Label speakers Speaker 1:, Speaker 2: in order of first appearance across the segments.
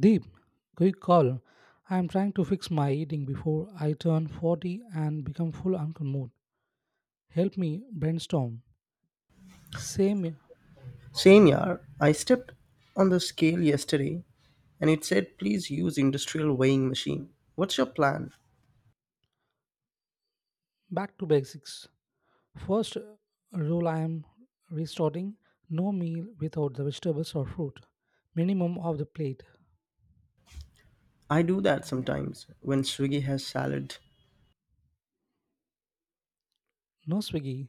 Speaker 1: Deep, quick call. I am trying to fix my eating before I turn 40 and become full uncle mood. Help me brainstorm. Same
Speaker 2: Same year, I stepped on the scale yesterday and it said please use industrial weighing machine. What's your plan?
Speaker 1: back to basics. First rule I am restarting no meal without the vegetables or fruit. Minimum of the plate.
Speaker 2: I do that sometimes when Swiggy has salad.
Speaker 1: No Swiggy.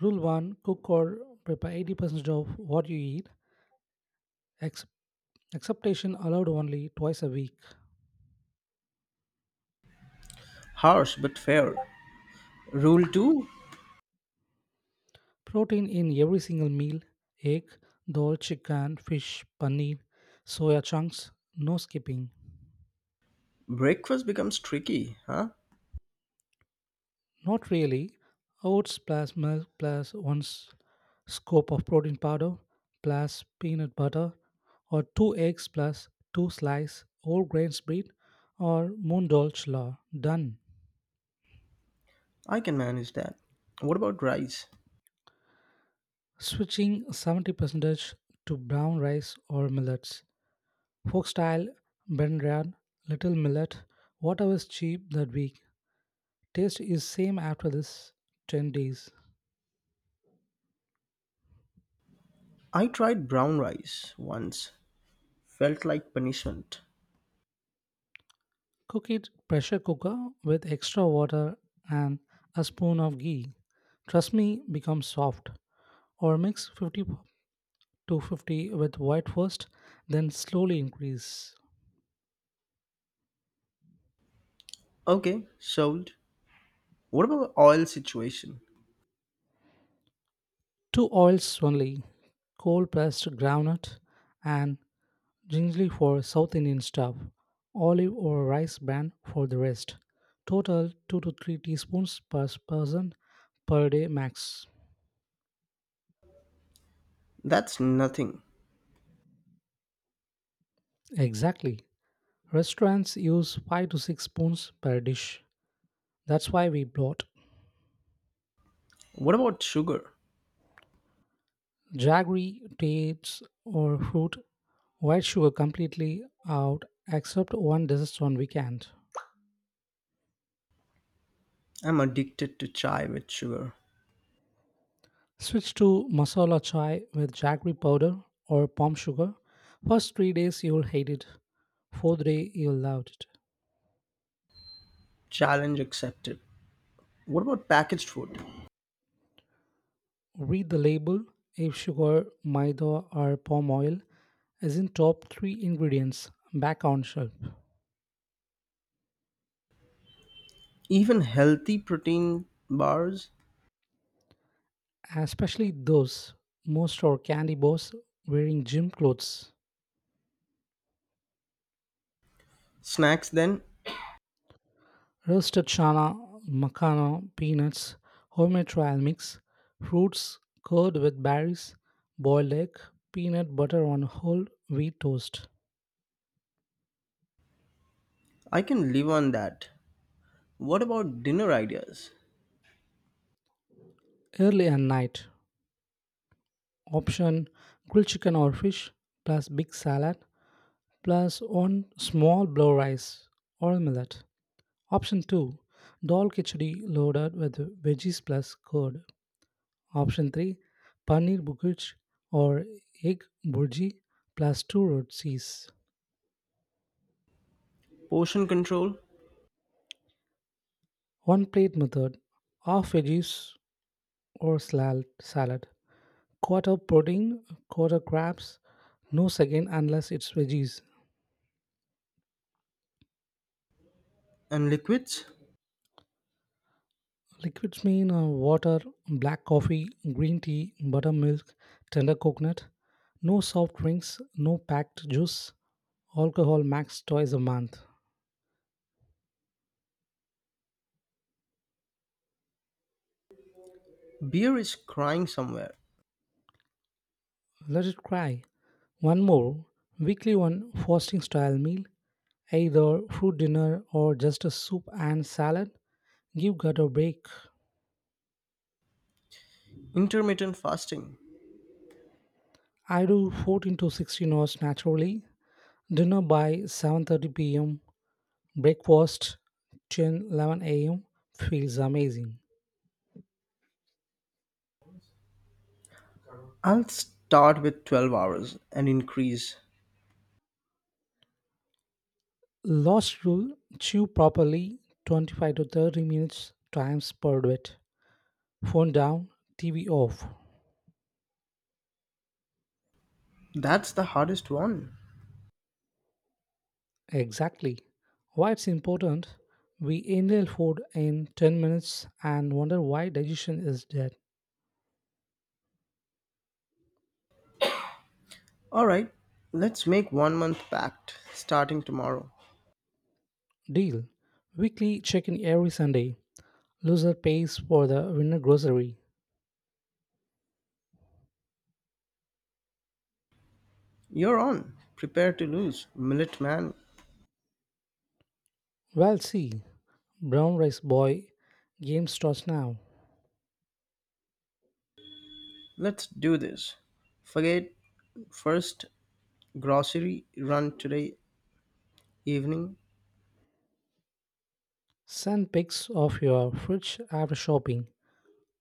Speaker 1: Rule 1 cook or prepare 80% of what you eat. Ex- Acceptation allowed only twice a week.
Speaker 2: Harsh but fair. Rule 2.
Speaker 1: Protein in every single meal: egg, dal, chicken, fish, paneer, soya chunks, no skipping.
Speaker 2: Breakfast becomes tricky, huh?
Speaker 1: Not really. Oats plus milk plus one scoop of protein powder plus peanut butter, or two eggs plus two slice whole grains bread, or moon dal chla. Done.
Speaker 2: I can manage that. What about rice?
Speaker 1: Switching 70% to brown rice or millets. Folk style, brendan, little millet, whatever is cheap that week. Taste is same after this 10 days.
Speaker 2: I tried brown rice once. Felt like punishment.
Speaker 1: Cook it pressure cooker with extra water and a spoon of ghee. Trust me, become soft. Or mix 50 to 50 with white first, then slowly increase.
Speaker 2: Okay, sold. What about oil situation?
Speaker 1: Two oils only: cold pressed groundnut and ginger for South Indian stuff, olive or rice bran for the rest. Total 2 to 3 teaspoons per person per day max.
Speaker 2: That's nothing.
Speaker 1: Exactly. Restaurants use 5 to 6 spoons per dish. That's why we bought
Speaker 2: What about sugar?
Speaker 1: jaggery, dates, or fruit. White sugar completely out except one dessert on weekend.
Speaker 2: I'm addicted to chai with sugar.
Speaker 1: Switch to masala chai with jaggery powder or palm sugar. First 3 days you'll hate it. Fourth day you'll love it.
Speaker 2: Challenge accepted. What about packaged food?
Speaker 1: Read the label. If sugar, maida, or palm oil is in top three ingredients, back on shelf.
Speaker 2: Even healthy protein bars,
Speaker 1: Especially those, most are candy bars wearing gym clothes.
Speaker 2: snacks, then
Speaker 1: Roasted chana, makana, peanuts, homemade trial mix, fruits, curd with berries, boiled egg, peanut butter on whole wheat toast.
Speaker 2: I can live on that. What about dinner ideas?
Speaker 1: Early and night option: grilled chicken or fish plus big salad plus one small blow rice or millet. Option 2, dal khichdi loaded with veggies plus curd. Option 3, paneer bukic or egg burji plus 2 rotis.
Speaker 2: Portion control
Speaker 1: One plate method: half veggies or salad, quarter protein, quarter crabs, no second unless it's veggies.
Speaker 2: and liquids?
Speaker 1: Liquids mean water, black coffee, green tea, buttermilk, tender coconut. No soft drinks, no packed juice. Alcohol max twice a month.
Speaker 2: Beer is crying somewhere.
Speaker 1: Let it cry. One more, weekly one fasting style meal, either fruit dinner or just a soup and salad, give gut a break.
Speaker 2: Intermittent fasting.
Speaker 1: I do 14 to 16 hours naturally. Dinner by 7:30 p.m. Breakfast 10 11 a.m. feels amazing.
Speaker 2: I'll start with 12 hours and increase.
Speaker 1: Last rule: chew properly 25 to 30 minutes times per bit. Phone down, TV off.
Speaker 2: That's the hardest one.
Speaker 1: Exactly. Why it's important, we inhale food in 10 minutes and wonder why digestion is dead.
Speaker 2: Alright, let's make 1 month pact starting tomorrow.
Speaker 1: Deal. Weekly check-in every Sunday. Loser pays for the winner grocery.
Speaker 2: You're on. Prepare to lose, millet man.
Speaker 1: Well, see, brown rice boy, game starts now.
Speaker 2: Let's do this. Forget First grocery run today evening.
Speaker 1: Send pics of your fridge after shopping.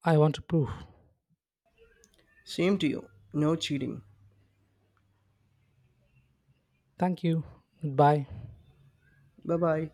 Speaker 1: I want proof.
Speaker 2: Same to you. No cheating.
Speaker 1: Thank you. Goodbye.
Speaker 2: Bye bye.